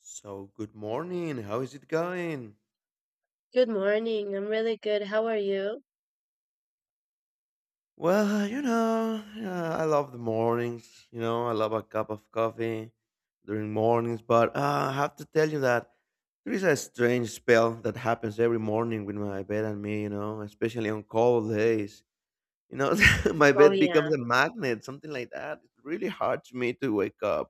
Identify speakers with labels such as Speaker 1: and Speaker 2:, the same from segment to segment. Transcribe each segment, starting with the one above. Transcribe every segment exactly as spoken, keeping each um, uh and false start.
Speaker 1: So, good morning. How is it going?
Speaker 2: Good morning. I'm really good. How are you?
Speaker 1: Well, you know, yeah, I love the mornings. You know, I love a cup of coffee during mornings. But uh, I have to tell you that there is a strange spell that happens every morning with my bed and me, you know, especially on cold days. You know, my
Speaker 2: Oh
Speaker 1: bed becomes
Speaker 2: yeah,
Speaker 1: a magnet, something like that. It's really hard to me to wake up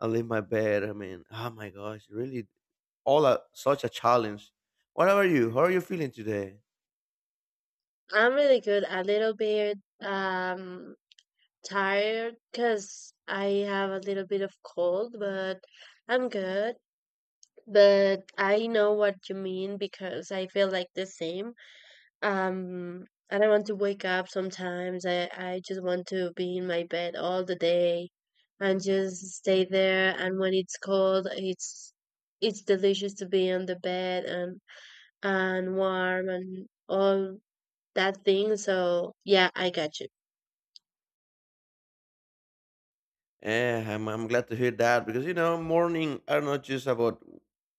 Speaker 1: and leave my bed. I mean, oh my gosh, really, all a, such a challenge. What about you? How are you feeling today?
Speaker 2: I'm really good. A little bit um tired because I have a little bit of cold, but I'm good. But I know what you mean because I feel like the same. Um, I don't want to wake up sometimes. I I just want to be in my bed all the day and just stay there. And when it's cold, it's it's delicious to be on the bed and and warm and all that thing. So yeah, I got you.
Speaker 1: Eh, I'm, I'm glad to hear that because you know morning are not just about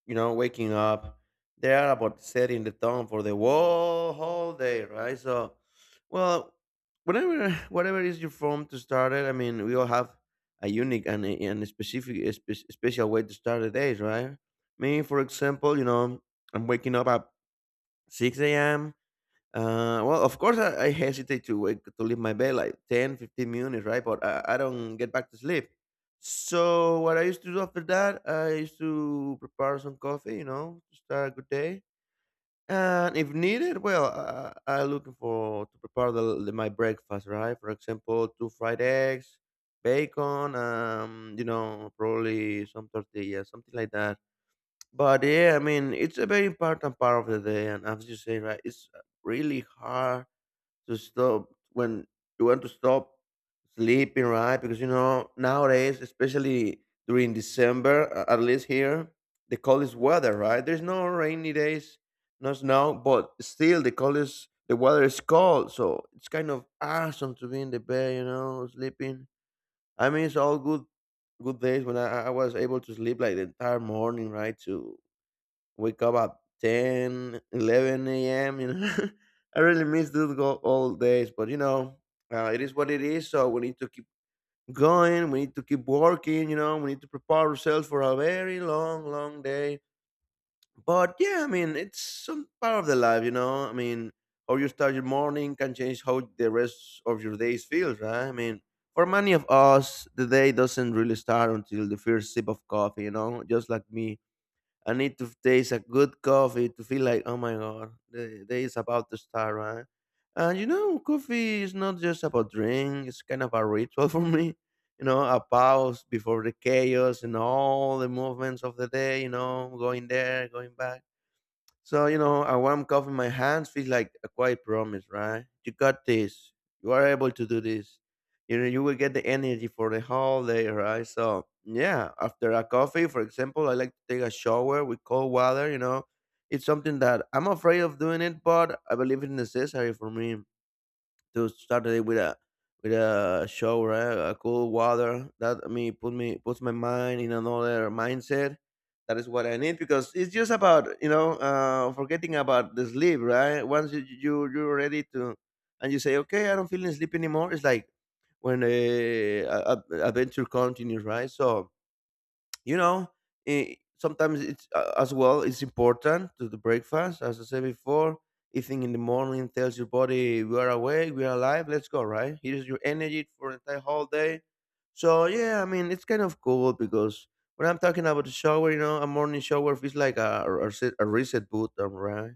Speaker 1: you know waking up; they are about setting the tone for the whole whole day, right? So, well, whatever whatever is your form to start it. I mean, we all have a unique and a, and a specific, a spe- special way to start the days, right? Me, for example, you know, I'm waking up at six a m. Uh, well, of course, I, I hesitate to wake to leave my bed like ten, fifteen minutes, right? But I, I don't get back to sleep. So what I used to do after that, I used to prepare some coffee, you know, to start a good day. And if needed, well, I, I looking for to prepare the, the- my breakfast, right? For example, two fried eggs, bacon, um, you know, probably some tortilla, something like that. But yeah, I mean, it's a very important part of the day, and as you say, right, it's really hard to stop when you want to stop sleeping, right? Because you know nowadays, especially during December, a- at least here, the coldest weather, right? There's no rainy days, no snow, but still the coldest the weather is cold, so it's kind of awesome to be in the bed, you know, sleeping. I mean, it's all good, good days when I, I was able to sleep like the entire morning, right? To wake up at ten, eleven a m you know I really miss those go- old days. But you know uh, it is what it is, so we need to keep going, we need to keep working, you know we need to prepare ourselves for a very long long day. But yeah, I mean, it's some part of the life. you know I mean, how you start your morning can change how the rest of your days feels, right? I mean, for many of us the day doesn't really start until the first sip of coffee, you know just like me. I need to taste a good coffee to feel like, oh my god, the day is about to start, right? And you know, coffee is not just about drink; it's kind of a ritual for me. You know, a pause before the chaos and all the movements of the day. You know, going there, going back, so, you know, a warm cup in my hands feels like a quiet promise, right? You got this. You are able to do this. You know, you will get the energy for the whole day, right? So, yeah, after a coffee, for example, I like to take a shower with cold water, you know. It's something that I'm afraid of doing it, but I believe it's necessary for me to start the day with a with a shower, eh, a cool water. That me put me puts my mind in another mindset. That is what I need because it's just about you know uh, forgetting about the sleep, right? Once you you you're ready to, and you say, okay, I don't feel sleep anymore. It's like when uh, a, a- adventure continues, right? So you know eh, sometimes it's uh, as well it's important to the breakfast as I said before. Eating in the morning tells your body we are awake, we are alive, let's go, right? Here's your energy for the entire whole day. So yeah, I mean, it's kind of cool because when I'm talking about the shower, you know a morning shower feels like a, a, reset- a reset boot, um, right.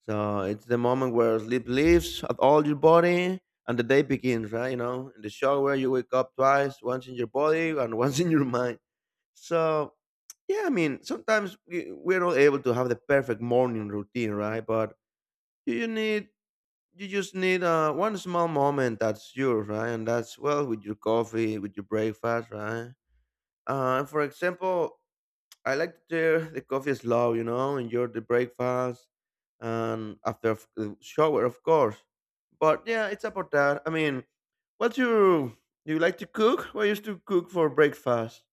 Speaker 1: So it's the moment where sleep leaves at all your body and the day begins, right? You know, in the shower, you wake up twice, once in your body and once in your mind. So, yeah, I mean, sometimes we- we're not able to have the perfect morning routine, right? But you you need, you just need uh, one small moment that's yours, right? And that's, well, with your coffee, with your breakfast, right? Uh, for example, I like that there the coffee is slow, you know, enjoy the breakfast and after of- the shower, of course. But yeah, it's about that. I mean, what's your do you like to cook? Well, I used to cook for breakfast.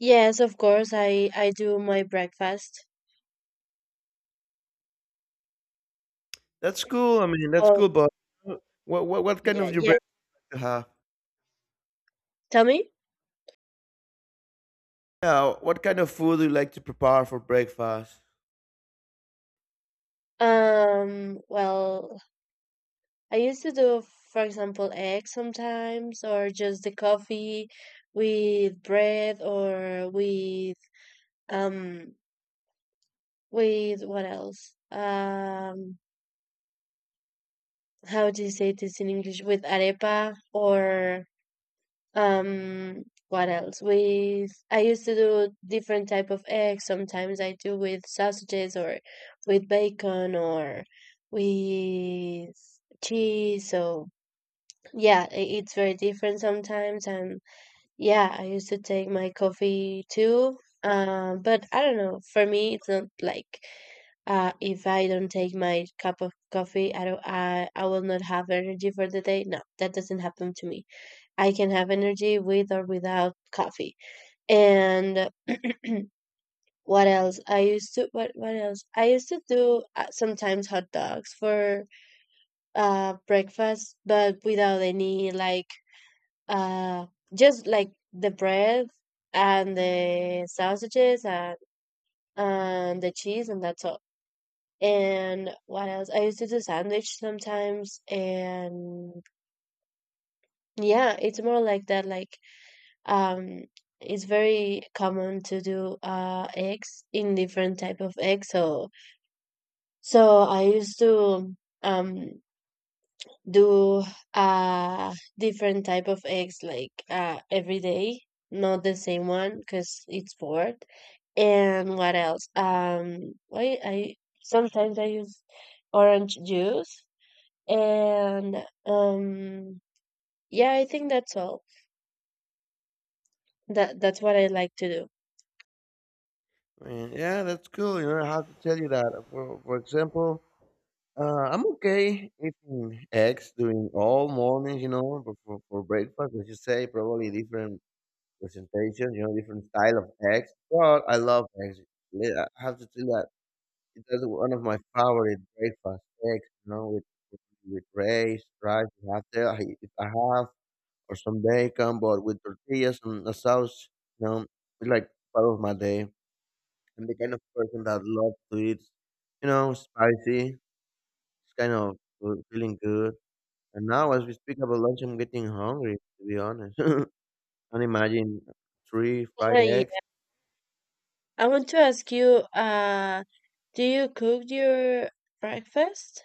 Speaker 2: Yes, of course. I I do my breakfast.
Speaker 1: That's cool. I mean, that's
Speaker 2: Oh
Speaker 1: cool. But uh, what what, what kind
Speaker 2: yeah,
Speaker 1: of your
Speaker 2: yeah.
Speaker 1: breakfast you have?
Speaker 2: Tell me.
Speaker 1: Yeah, what kind of food do you like to prepare for breakfast?
Speaker 2: Um. Well, I used to do, for example, eggs sometimes, or just the coffee with bread, or with um with what else? Um. How do you say this in English? With arepa or um what else? With, I used to do different type of eggs. Sometimes I do with sausages, or with bacon, or with cheese. So yeah, i- it's very different sometimes. And yeah, I used to take my coffee too. Um but I don't know, for me it's not like, uh if I don't take my cup of coffee, I don't I, I will not have energy for the day. No, that doesn't happen to me. I can have energy with or without coffee. And what else? I used to what what else? I used to do uh, sometimes hot dogs for uh breakfast, but without any, like, uh just like the bread and the sausages and and the cheese and that's all. And what else? I used to do sandwich sometimes and yeah, it's more like that, like, um it's very common to do uh eggs in different type of eggs. So so I used to um do uh different type of eggs, like, uh every day, not the same one because it's bored. And what else? um i i sometimes, I use orange juice, and um yeah, I think that's all. That that's what I like to do.
Speaker 1: I mean, yeah, that's cool. You know, I have to tell you that. For for example, Uh, I'm okay eating eggs during all mornings, you know, for, for, for breakfast, as you say, probably different presentations, you know, different style of eggs. But I love eggs. Li- I have to tell that it's one of my favorite breakfast eggs, you know, with with rice, rice you have there. I, if I have or some bacon, but with tortillas and a sauce, you know, it's like part of my day. I'm the kind of person that loves to eat, you know, spicy. It's kind of good- feeling good. And now, as we speak about lunch, I'm getting hungry, to be honest. Can't imagine three fried eggs.
Speaker 2: I want to ask you, uh, do you cook your breakfast?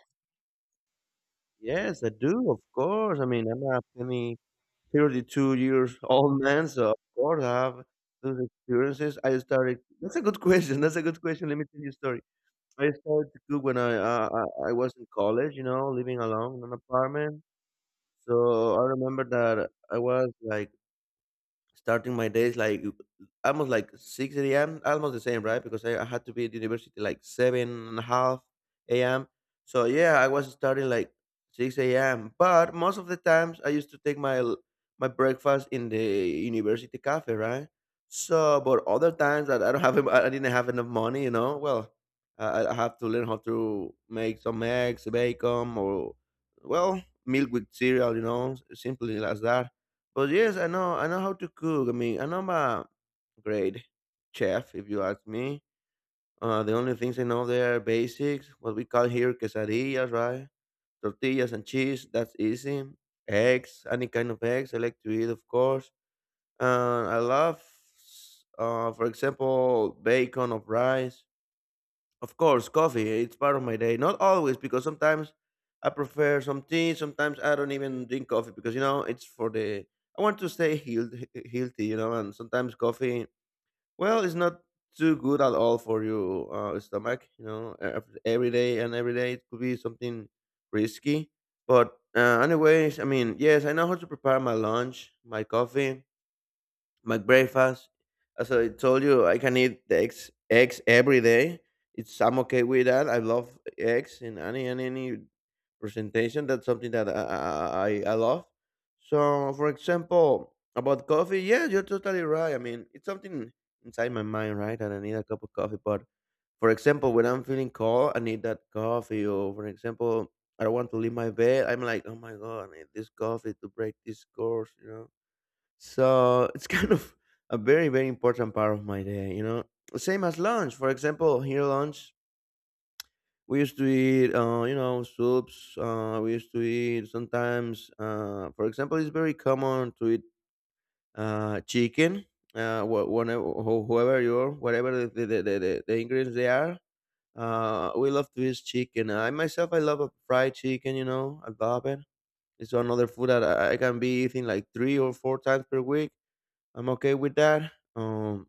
Speaker 1: Yes, I do, of course. I mean, I'm a penny thirty-two years old man, so of course I have those experiences. I started, that's a good question. That's a good question. Let me tell you a story. I started to cook when I, uh, I, I was in college, you know, living alone in an apartment. So I remember that I was like starting my days like almost like six a m, almost the same, right? Because i I had to be at university like seven and a half a m. So yeah, I was starting like six a m, but most of the times I used to take my l- my breakfast in the university cafe, right? So but other times that I don't have en- I didn't have enough money, you know well, i, I have to learn how to make some eggs, bacon, or well, milk with cereal, you know simply like that. But yes, I know I know how to cook. I mean, I'm not a great chef, if you ask me. Uh, the only things I know there are basics, what we call here quesadillas, right? Tortillas and cheese, that's easy. Eggs, any kind of eggs I like to eat, of course. And I love, uh, for example, bacon of rice. Of course, coffee. It's part of my day. Not always, because sometimes I prefer some tea. Sometimes I don't even drink coffee because you know it's for the. I want to stay healed, he- healthy, you know. And sometimes coffee, well, it's not too good at all for your uh, stomach. You know, Ev- every day and every day it could be something risky. But uh, anyways, I mean, yes, I know how to prepare my lunch, my coffee, my breakfast. As I told you, I can eat the eggs eggs every day. It's I'm okay with that. I love eggs in any and any presentation. That's something that I, I i I love. So for example, about coffee, yeah, you're totally right. I mean, it's something inside my mind, right, and I need a cup of coffee. But for example, when I'm feeling cold, I need that coffee. Or for example, I don't want to leave my bed. I'm like, oh my god, I need this coffee to break this course, you know. So it's kind of a very, very important part of my day, you know. Same as lunch. For example, here lunch, we used to eat, uh, you know, soups. Uh, we used to eat sometimes, uh, for example, it's very common to eat uh, chicken, uh, wh- whenever, wh- whoever you are, whatever the, the, the, the, the ingredients they are. Uh, we love to eat chicken. I myself, I love a fried chicken, you know, I love it. It's another food that I I can be eating like three or four times per week. I'm okay with that. Um,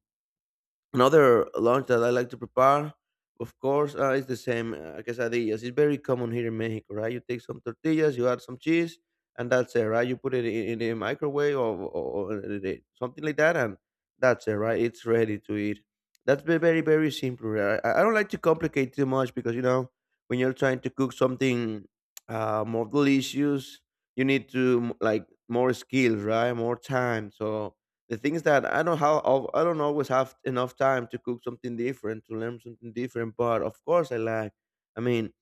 Speaker 1: another lunch that I like to prepare, of course, uh, is the same uh, quesadillas. It's very common here in Mexico, right? You take some tortillas, you add some cheese, and that's it, right? You put it in, in the microwave or, or, or in the- something like that, and that's it, right? It's ready to eat. That's ve- very, very simple. Right? I, I don't like to complicate too much because, you know, when you're trying to cook something uh, more delicious, you need to, like, more skills, right? More time. So, the thing is that I don't have, al- I don't always have enough time to cook something different to learn something different. But of course, I like. I mean,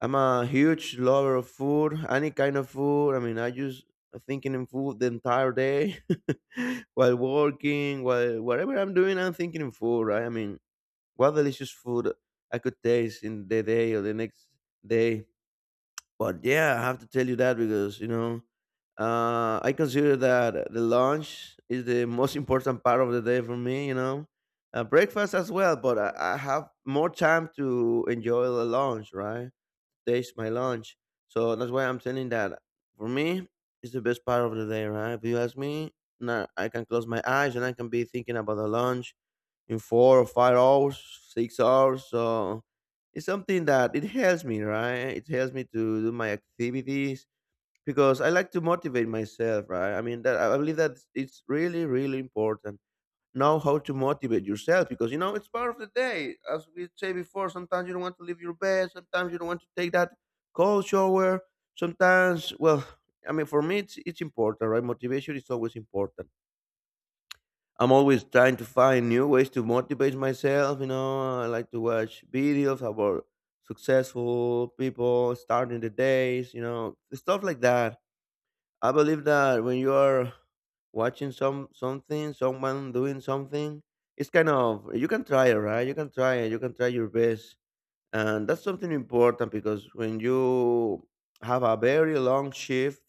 Speaker 1: I'm a huge lover of food, any kind of food. I mean, I just thinking in food the entire day while working, while whatever I'm doing, I'm thinking in food. Right? I mean, what delicious food I could taste in the day or the next day. But yeah, I have to tell you that because you know, uh, I consider that the lunch is the most important part of the day for me. You know, uh, breakfast as well, but I, I have more time to enjoy the lunch, right? Taste my lunch, so that's why I'm telling that for me, it's the best part of the day, right? If you ask me, now I can close my eyes and I can be thinking about the lunch in four or five hours, six hours. So it's something that it helps me, right? It helps me to do my activities because I like to motivate myself, right? I mean, that I I believe that it's really, really important know how to motivate yourself because you know it's part of the day. As we say before, sometimes you don't want to leave your bed, sometimes you don't want to take that cold shower, sometimes, well, I mean, for me, it's, it's important, right? Motivation is always important. I'm always trying to find new ways to motivate myself. You know, I like to watch videos about successful people starting the days. You know, stuff like that. I believe that when you are watching some something, someone doing something, it's kind of you can try it, right? You can try it. You can try your best, and that's something important because when you have a very long shift.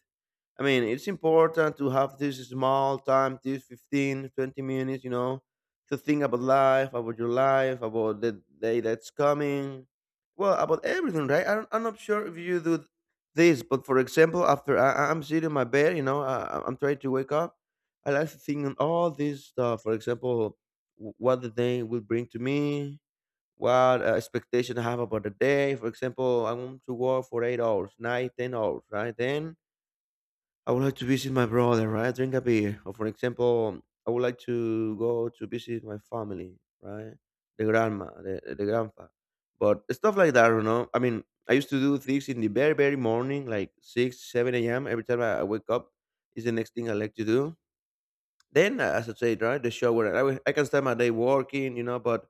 Speaker 1: I mean, it's important to have this small time, this fifteen, twenty minutes, you know, to think about life, about your life, about the day that's coming. Well, about everything, right? I don't, I'm not sure if you do this, but for example, after I, I- I'm sitting in my bed, you know, I, I'm trying to wake up, I like to think on all this stuff. For example, wh- what the day will bring to me, what uh, expectation I have about the day. For example, I want to work for eight hours, nine, ten hours, right? Then I would like to visit my brother, right? Drink a beer. Or for example, I would like to go to visit my family, right? The grandma, the, the grandpa. But stuff like that, you know. I mean, I used to do things in the very, very morning, like six, seven a m. Every time I I wake up is the next thing I like to do. Then, as I said, right, the shower. I, will- I can start my day working, you know, but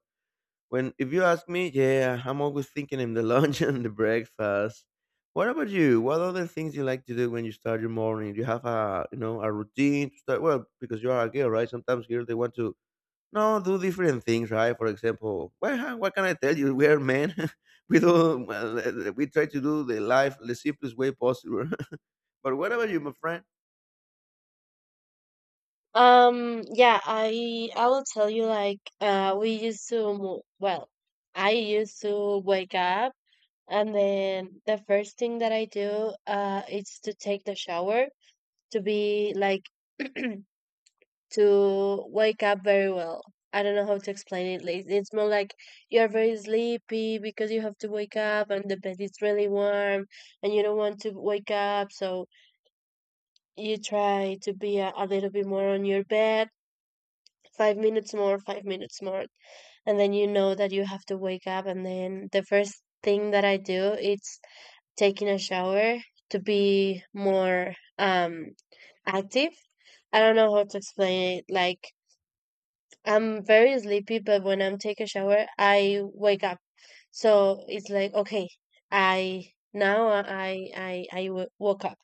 Speaker 1: when if you ask me, yeah, I'm always thinking in the lunch and the breakfast. What about you? What other things you like to do when you start your morning? Do you have a, you know, a routine to start? Well, because you are a girl, right? Sometimes girls they want to no do different things, right? For example, well, huh, what can I tell you? We are men. We do well, uh, we try to do the life the simplest way possible. But what about you, my friend?
Speaker 2: Um, yeah, I I will tell you, like, uh we used to mo- well, I used to wake up, and then the first thing that I do uh is to take the shower, to be like, to wake up very well. I don't know how to explain it, like. It's more like you're very sleepy because you have to wake up and the bed is really warm and you don't want to wake up. So you try to be a, a little bit more on your bed, five minutes more, five minutes more. And then you know that you have to wake up. And then the first thing that I do is taking a shower to be more, um, active. I don't know how to explain it. Like, I'm very sleepy, but when I'm take a shower, I wake up. So it's like, okay, I now I I I w- woke up,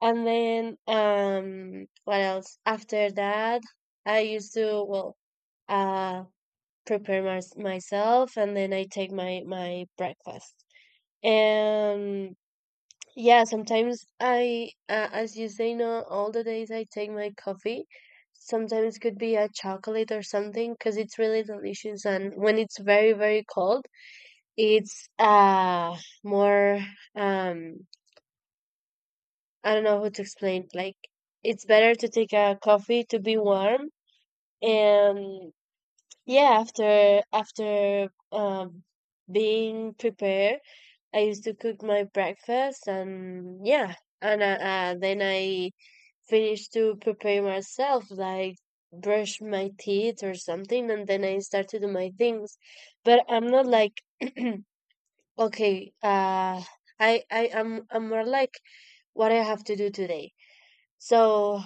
Speaker 2: and then, um what else? After that, I used to, well, uh prepare my, myself, and then I take my my breakfast. And yeah, sometimes I, uh, as you say, not all the days I take my coffee. Sometimes it could be a chocolate or something because it's really delicious. And when it's very, very cold, it's uh more, um I don't know how to explain. Like, it's better to take a coffee to be warm. And yeah, after after um being prepared, I used to cook my breakfast. And yeah, and uh, uh, then I finish to prepare myself, like brush my teeth or something, and then I start to do my things. But I'm not like, okay, uh, I I am I'm I'm more like, what I have to do today. So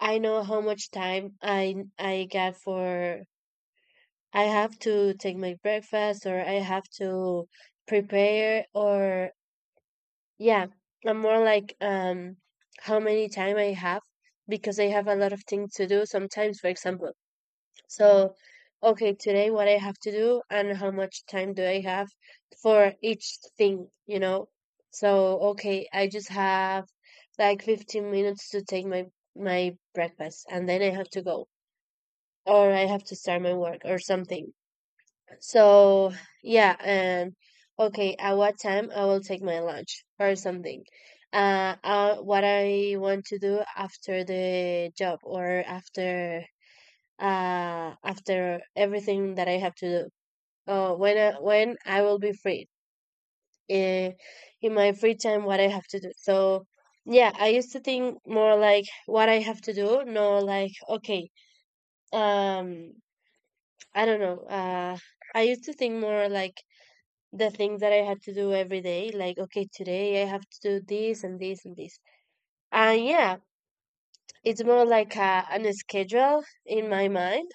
Speaker 2: I know how much time I I got for, I have to take my breakfast, or I have to prepare, or. Yeah, I'm more like, um how many time I have because I have a lot of things to do sometimes, for example. So, okay, today what I have to do and how much time do I have for each thing, you know? So, okay, I just have like fifteen minutes to take my my breakfast and then I have to go, or I have to start my work or something. So yeah. And okay, at what time I will take my lunch or something. Uh, uh what I want to do after the job, or after uh after everything that I have to do. Uh, when I, when I will be free. In, in my free time, what I have to do. So yeah, I used to think more like what I have to do, no like, okay, um, I don't know. Uh, I used to think more like the things that I had to do every day. Like, okay, today I have to do this and this and this. And yeah, it's more like a, an schedule in my mind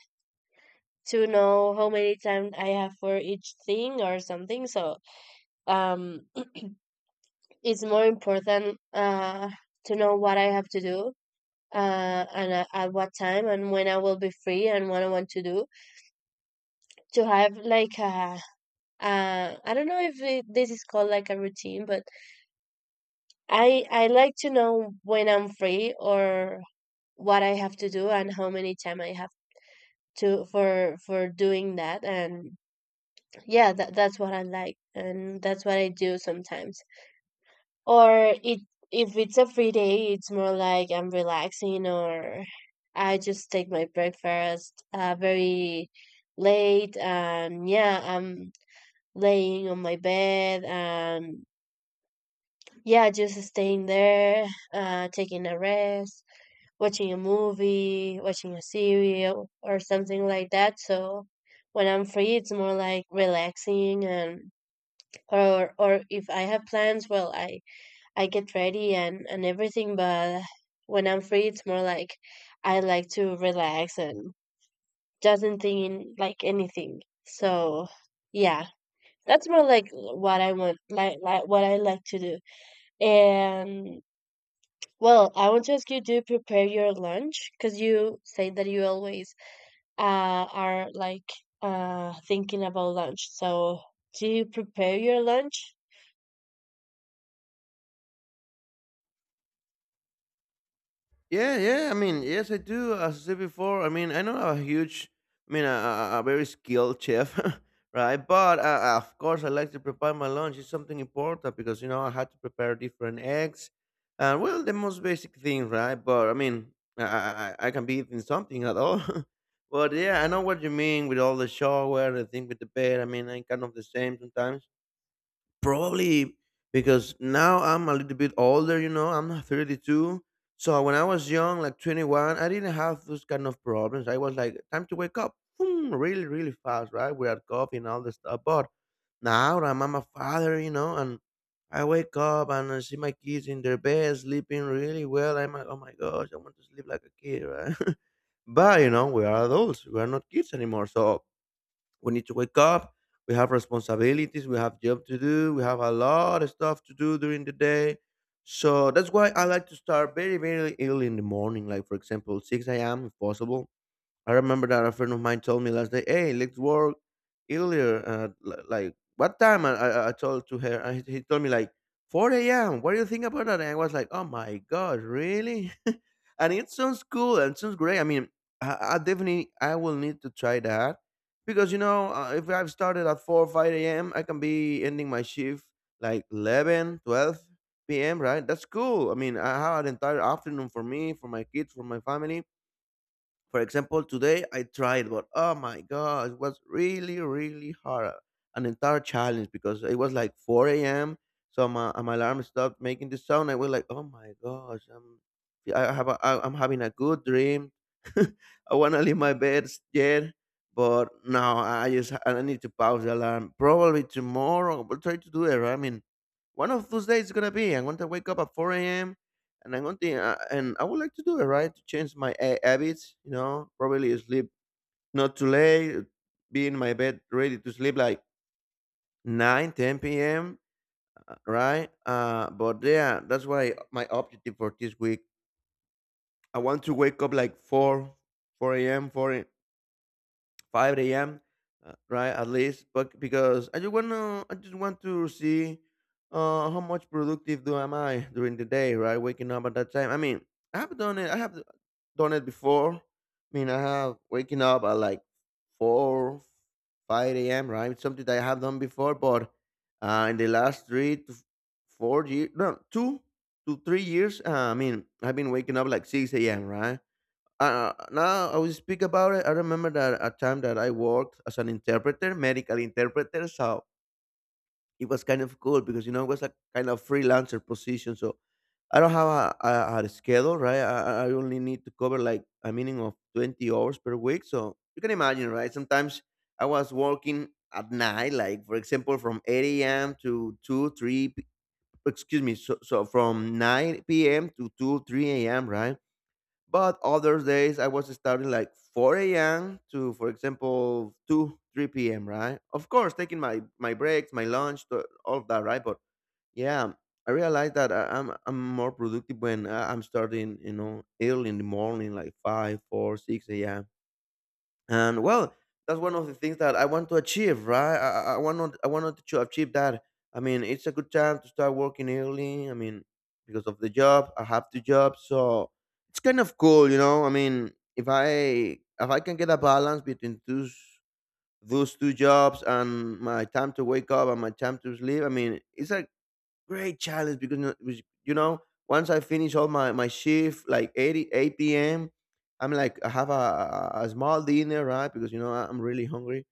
Speaker 2: to know how many times I have for each thing or something. So, um, it's more important, uh, to know what I have to do. Uh, and uh, at what time and when I will be free and what I want to do, to have like a uh, I don't know if it, this is called like a routine, but I I like to know when I'm free or what I have to do and how many time I have to for for doing that. And yeah, that that's what I like and that's what I do sometimes. Or, it if it's a free day, it's more like I'm relaxing, or I just take my breakfast uh very late and yeah, I'm laying on my bed and yeah, just staying there, uh taking a rest, watching a movie, watching a serial, or something like that. So when I'm free, it's more like relaxing, and or or if I have plans, well, I I get ready and and everything. But when I'm free, it's more like I like to relax and doesn't think like anything. So yeah, that's more like what I want, like like what I like to do. And well, I want to ask you, do you prepare your lunch? Because you say that you always, uh, are like, uh, thinking about lunch. So, do you prepare your lunch?
Speaker 1: Yeah, yeah. I mean, yes, I do. As I said before, I mean, I know a huge, I mean, a, a, a very skilled chef, right? But uh, of course, I like to prepare my lunch. It's something important because you know I had to prepare different eggs, and well, the most basic thing, right? But I mean, I I, I I can be eating something at all. But yeah, I know what you mean with all the shower, the thing with the bed. I mean, I'm kind of the same sometimes probably because now I'm a little bit older, you know, I'm thirty-two. So when I was young, like twenty-one, I didn't have those kind of problems. I was like, time to wake up, boom, really, really fast, right? We had coffee and all this stuff. But now that I'm a father, you know, and I wake up and I see my kids in their bed sleeping really well. I'm like, oh my gosh, I want to sleep like a kid, right? But you know, we are adults, we are not kids anymore. So we need to wake up. We have responsibilities, we have job to do, we have a lot of stuff to do during the day. So that's why I like to start very, very early in the morning, like for example six a.m. if possible. I remember that a friend of mine told me last day, "Hey, let's work earlier." Uh, li- like what time? I, I I told to her, and he he told me like four a m. What do you think about that? And I was like, "Oh my god, really?" And it sounds cool and sounds great. I mean, I, I definitely I will need to try that because you know uh, if I've started at four or five a m, I can be ending my shift like eleven, twelve p m. Right? That's cool. I mean, I have an entire afternoon for me, for my kids, for my family. For example, today I tried, but oh my god, it was really, really hard. uh, An entire challenge because it was like four a m. So my, my alarm stopped making the sound. I was like, oh my gosh, I'm, yeah, I have a, I, I'm having a good dream. I want to leave my bed yet, but now I just I need to pause the alarm. Probably tomorrow, we'll try to do it. Right? I mean, one of those days it's gonna be. I'm gonna wake up at four a.m. and I'm going to, uh, and I would like to do it right to change my ha- habits. You know, probably sleep not too late, be in my bed ready to sleep like nine, ten p m uh, Right? Uh, but yeah, that's why my objective for this week. I want to wake up like four, four a m four five a m uh, right at least, but because I just wanna I just want to see uh how much productive do am I during the day, right? Waking up at that time. I mean, I have done it. I have done it before. I mean, I have waking up at like four, five a m. Right, something that I have done before, but uh, in the last three to f- four years, no, two to three years, uh, I mean, I've been waking up like six a m. Right, uh, now I will speak about it. I remember that a time that I worked as an interpreter, medical interpreter. So it was kind of cool because you know it was a kind of freelancer position. So I don't have a, a, a schedule, right? I, I I only need to cover like a minimum of twenty hours per week. So you can imagine, right? Sometimes I was working at night, like for example, from eight a m to two, three. p- Excuse me. So, so from nine p m to two, three a m. Right? But other days I was starting like four a m to, for example, two, three p m. Right? Of course, taking my my breaks, my lunch, to, all of that. Right? But yeah, I realized that I, I'm I'm more productive when I- I'm starting, you know, early in the morning, like five, four, six a.m. and well, that's one of the things that I want to achieve, right? i, I I want, not I wanted, to achieve that. I mean, it's a good time to start working early. I mean, because of the job, I have two jobs. So it's kind of cool, you know. I mean, if I, if I can get a balance between those those two jobs and my time to wake up and my time to sleep, I mean, it's a great challenge because you know which- you know, once I finish all my my shift like eight 8 p.m. I'm like I have a, a a small dinner, right? Because you know I- I'm really hungry,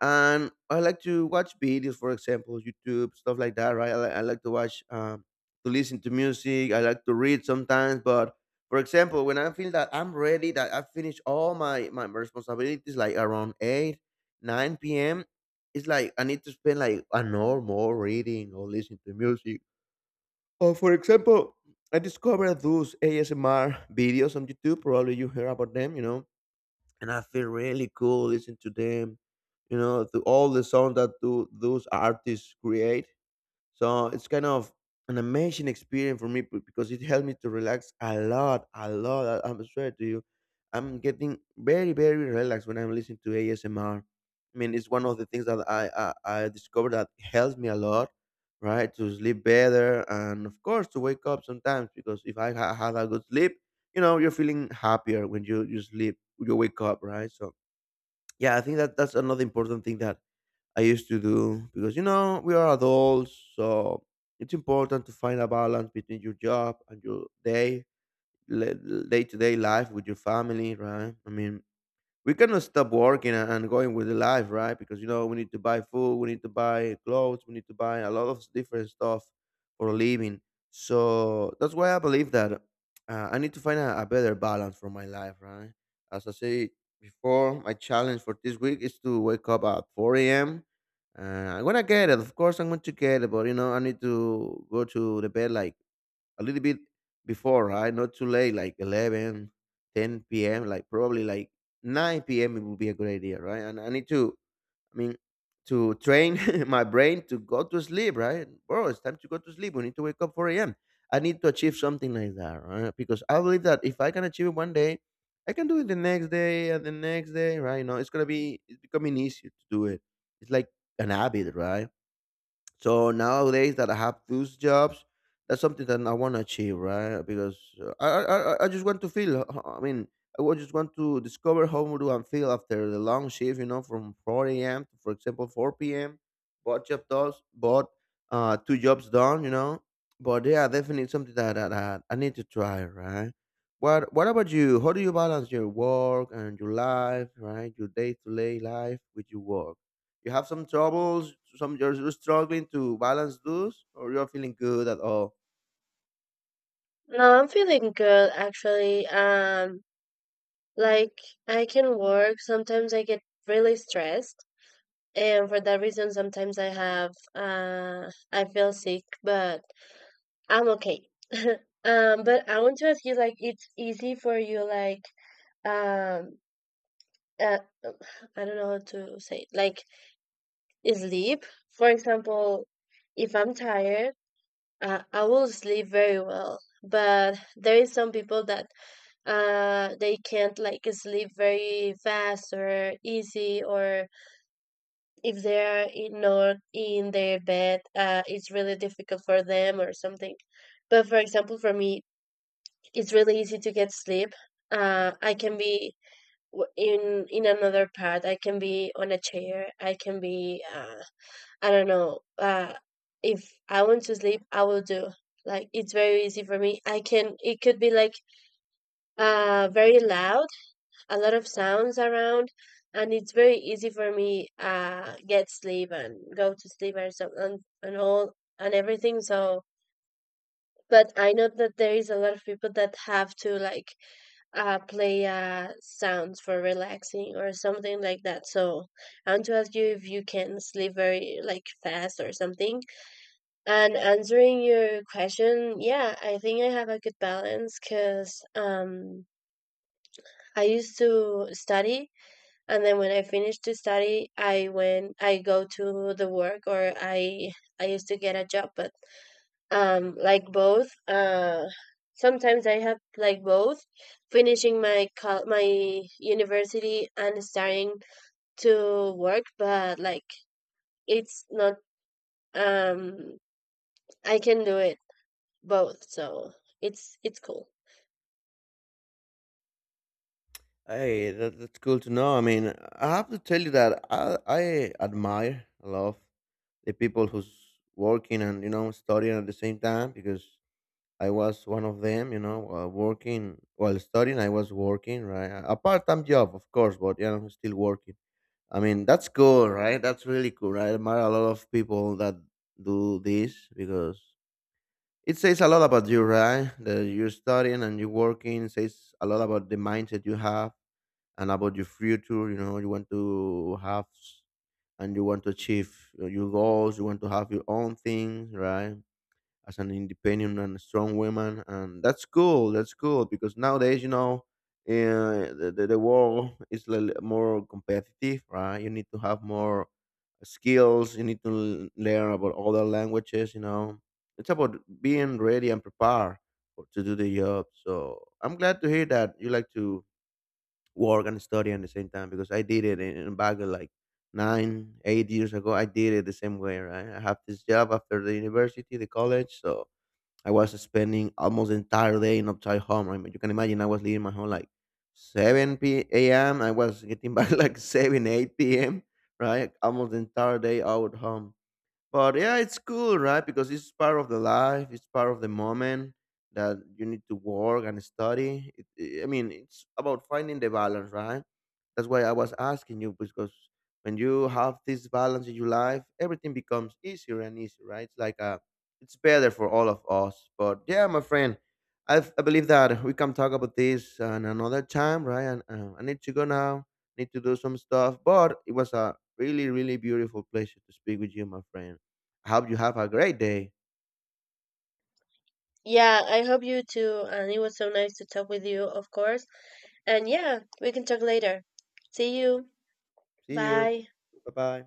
Speaker 1: and I like to watch videos, for example YouTube, stuff like that, right? I, li- I like to watch, um, to listen to music. I like to read sometimes. But for example, when I feel that I'm ready, that I finish all my my responsibilities, like around eight nine p m. It's like I need to spend like an hour more reading or listening to music, or for example, I discovered those A S M R videos on YouTube. Probably you hear about them, you know. And I feel really cool listening to them. You know, to all the sound that do, those artists create. So it's kind of an amazing experience for me, be- because it helped me to relax a lot, a lot. I, I'm swear to you, I'm getting very, very relaxed when I'm listening to A S M R. I mean, it's one of the things that I I, I discovered that helps me a lot, right? To sleep better, and of course to wake up sometimes, because if I ha- had a good sleep, you know, you're feeling happier when you you sleep, you wake up, right? So yeah, I think that that's another important thing that I used to do, because you know we are adults, so it's important to find a balance between your job and your day day to day life with your family, right? I mean, we cannot stop working a- and going with the life, right? Because you know we need to buy food, we need to buy clothes, we need to buy a lot of different stuff for a living. So that's why I believe that uh, I need to find a, a better balance for my life, right? As I said before, my challenge for this week is to wake up at four a m. Uh, I'm gonna get it, of course. I'm going to get it, but you know I need to go to the bed like a little bit before, right? Not too late, like eleven, ten p m, like probably like nine p m. It would be a good idea, right? And I need to, I mean, to train my brain to go to sleep, right? Bro, it's time to go to sleep. We need to wake up four a m. I need to achieve something like that, right? Because I believe that if I can achieve it one day, I can do it the next day and the next day, right? You know, it's gonna be it's becoming easier to do it. It's like an habit, right? So nowadays that I have those jobs, that's something that I want to achieve, right? Because uh, I, I I I just want to feel. uh, I mean, I wa- just want to discover how do I feel after the long shift, you know, from four a m to, for example, four p m. Both job does, both, uh, two jobs done, you know. But yeah, definitely something that, that, that I need to try, right? What What about you? How do you balance your work and your life, right? Your day to day life with your work? You have some troubles, some you're you're struggling to balance those, or you're feeling good at all.
Speaker 2: No, I'm feeling good actually. Um, like, I can work. Sometimes I get really stressed, and for that reason, sometimes I have uh I feel sick, but I'm okay. Um, but I want to ask you, like, it's easy for you, like, um, uh, I don't know how to say it, like, sleep. For example, if I'm tired. uh, I will sleep very well, but there is some people that uh they can't, like, sleep very fast or easy, or if they are in, not in their bed, uh, it's really difficult for them or something. But for example, for me, it's really easy to get sleep. Uh, I can be w- in in another part. I can be on a chair. I can be, uh, I don't know. Uh, if I want to sleep, I will do. Like, it's very easy for me. I can. It could be like, uh very loud, a lot of sounds around, and it's very easy for me, uh get sleep and go to sleep or something, and, and, all and everything. So, but I know that there is a lot of people that have to, like, uh play uh sounds for relaxing or something like that. So I want to ask you if you can sleep very, like, fast or something. And answering your question, yeah, I think I have a good balance because, um, I used to study, and then when I finished to study, I went, I go to the work, or I I used to get a job. But, um, like, both, uh, sometimes I have like both, finishing my col- my university and starting to work. But, like, it's not, um, I can do it both, so it's it's cool.
Speaker 1: Hey, that, that's cool to know. I mean, I have to tell you that I, I admire, a lot, the people who's working and you know studying at the same time, because I was one of them. You know, uh, working while studying, I was working, right, a part time job, of course, but you know, still working. I mean, that's cool, right? That's really cool. Right? I admire a lot of people that do this because it says a lot about you, right? That you're studying and you're working. It says a lot about the mindset you have and about your future. You know, you want to have s- and you want to achieve your goals. You want to have your own things, right? As an independent and strong woman. And that's cool, that's cool, because nowadays you know, uh, the, the, the world is li- more competitive, right? You need to have more skills, you need to l- learn about other languages, you know, it's about being ready and prepared for, to do the job. So I'm glad to hear that you like to work and study at the same time, because I did it in, in back in like nine eight years ago. I did it the same way, right? I have this job after the university, the college, so I was spending almost the entire day in upside home. I mean, you can imagine I was leaving my home like seven p m. I was getting back like seven, eight p m. Right, almost the entire day out home. But yeah, it's cool, right? Because it's part of the life. It's part of the moment that you need to work and study. It, it- I mean, it's about finding the balance, right? That's why I was asking you, because when you have this balance in your life, everything becomes easier and easier, right? It's like a, it's better for all of us. But yeah, my friend, I I believe that we can talk about this and another time, right? And uh, I need to go now. Need to do some stuff, but it was a really, really beautiful pleasure to speak with you, my friend. I hope you have a great day.
Speaker 2: Yeah, I hope you too. And it was so nice to talk with you, of course. And yeah, we can talk later. See you.
Speaker 1: See you.
Speaker 2: Bye.
Speaker 1: Bye bye.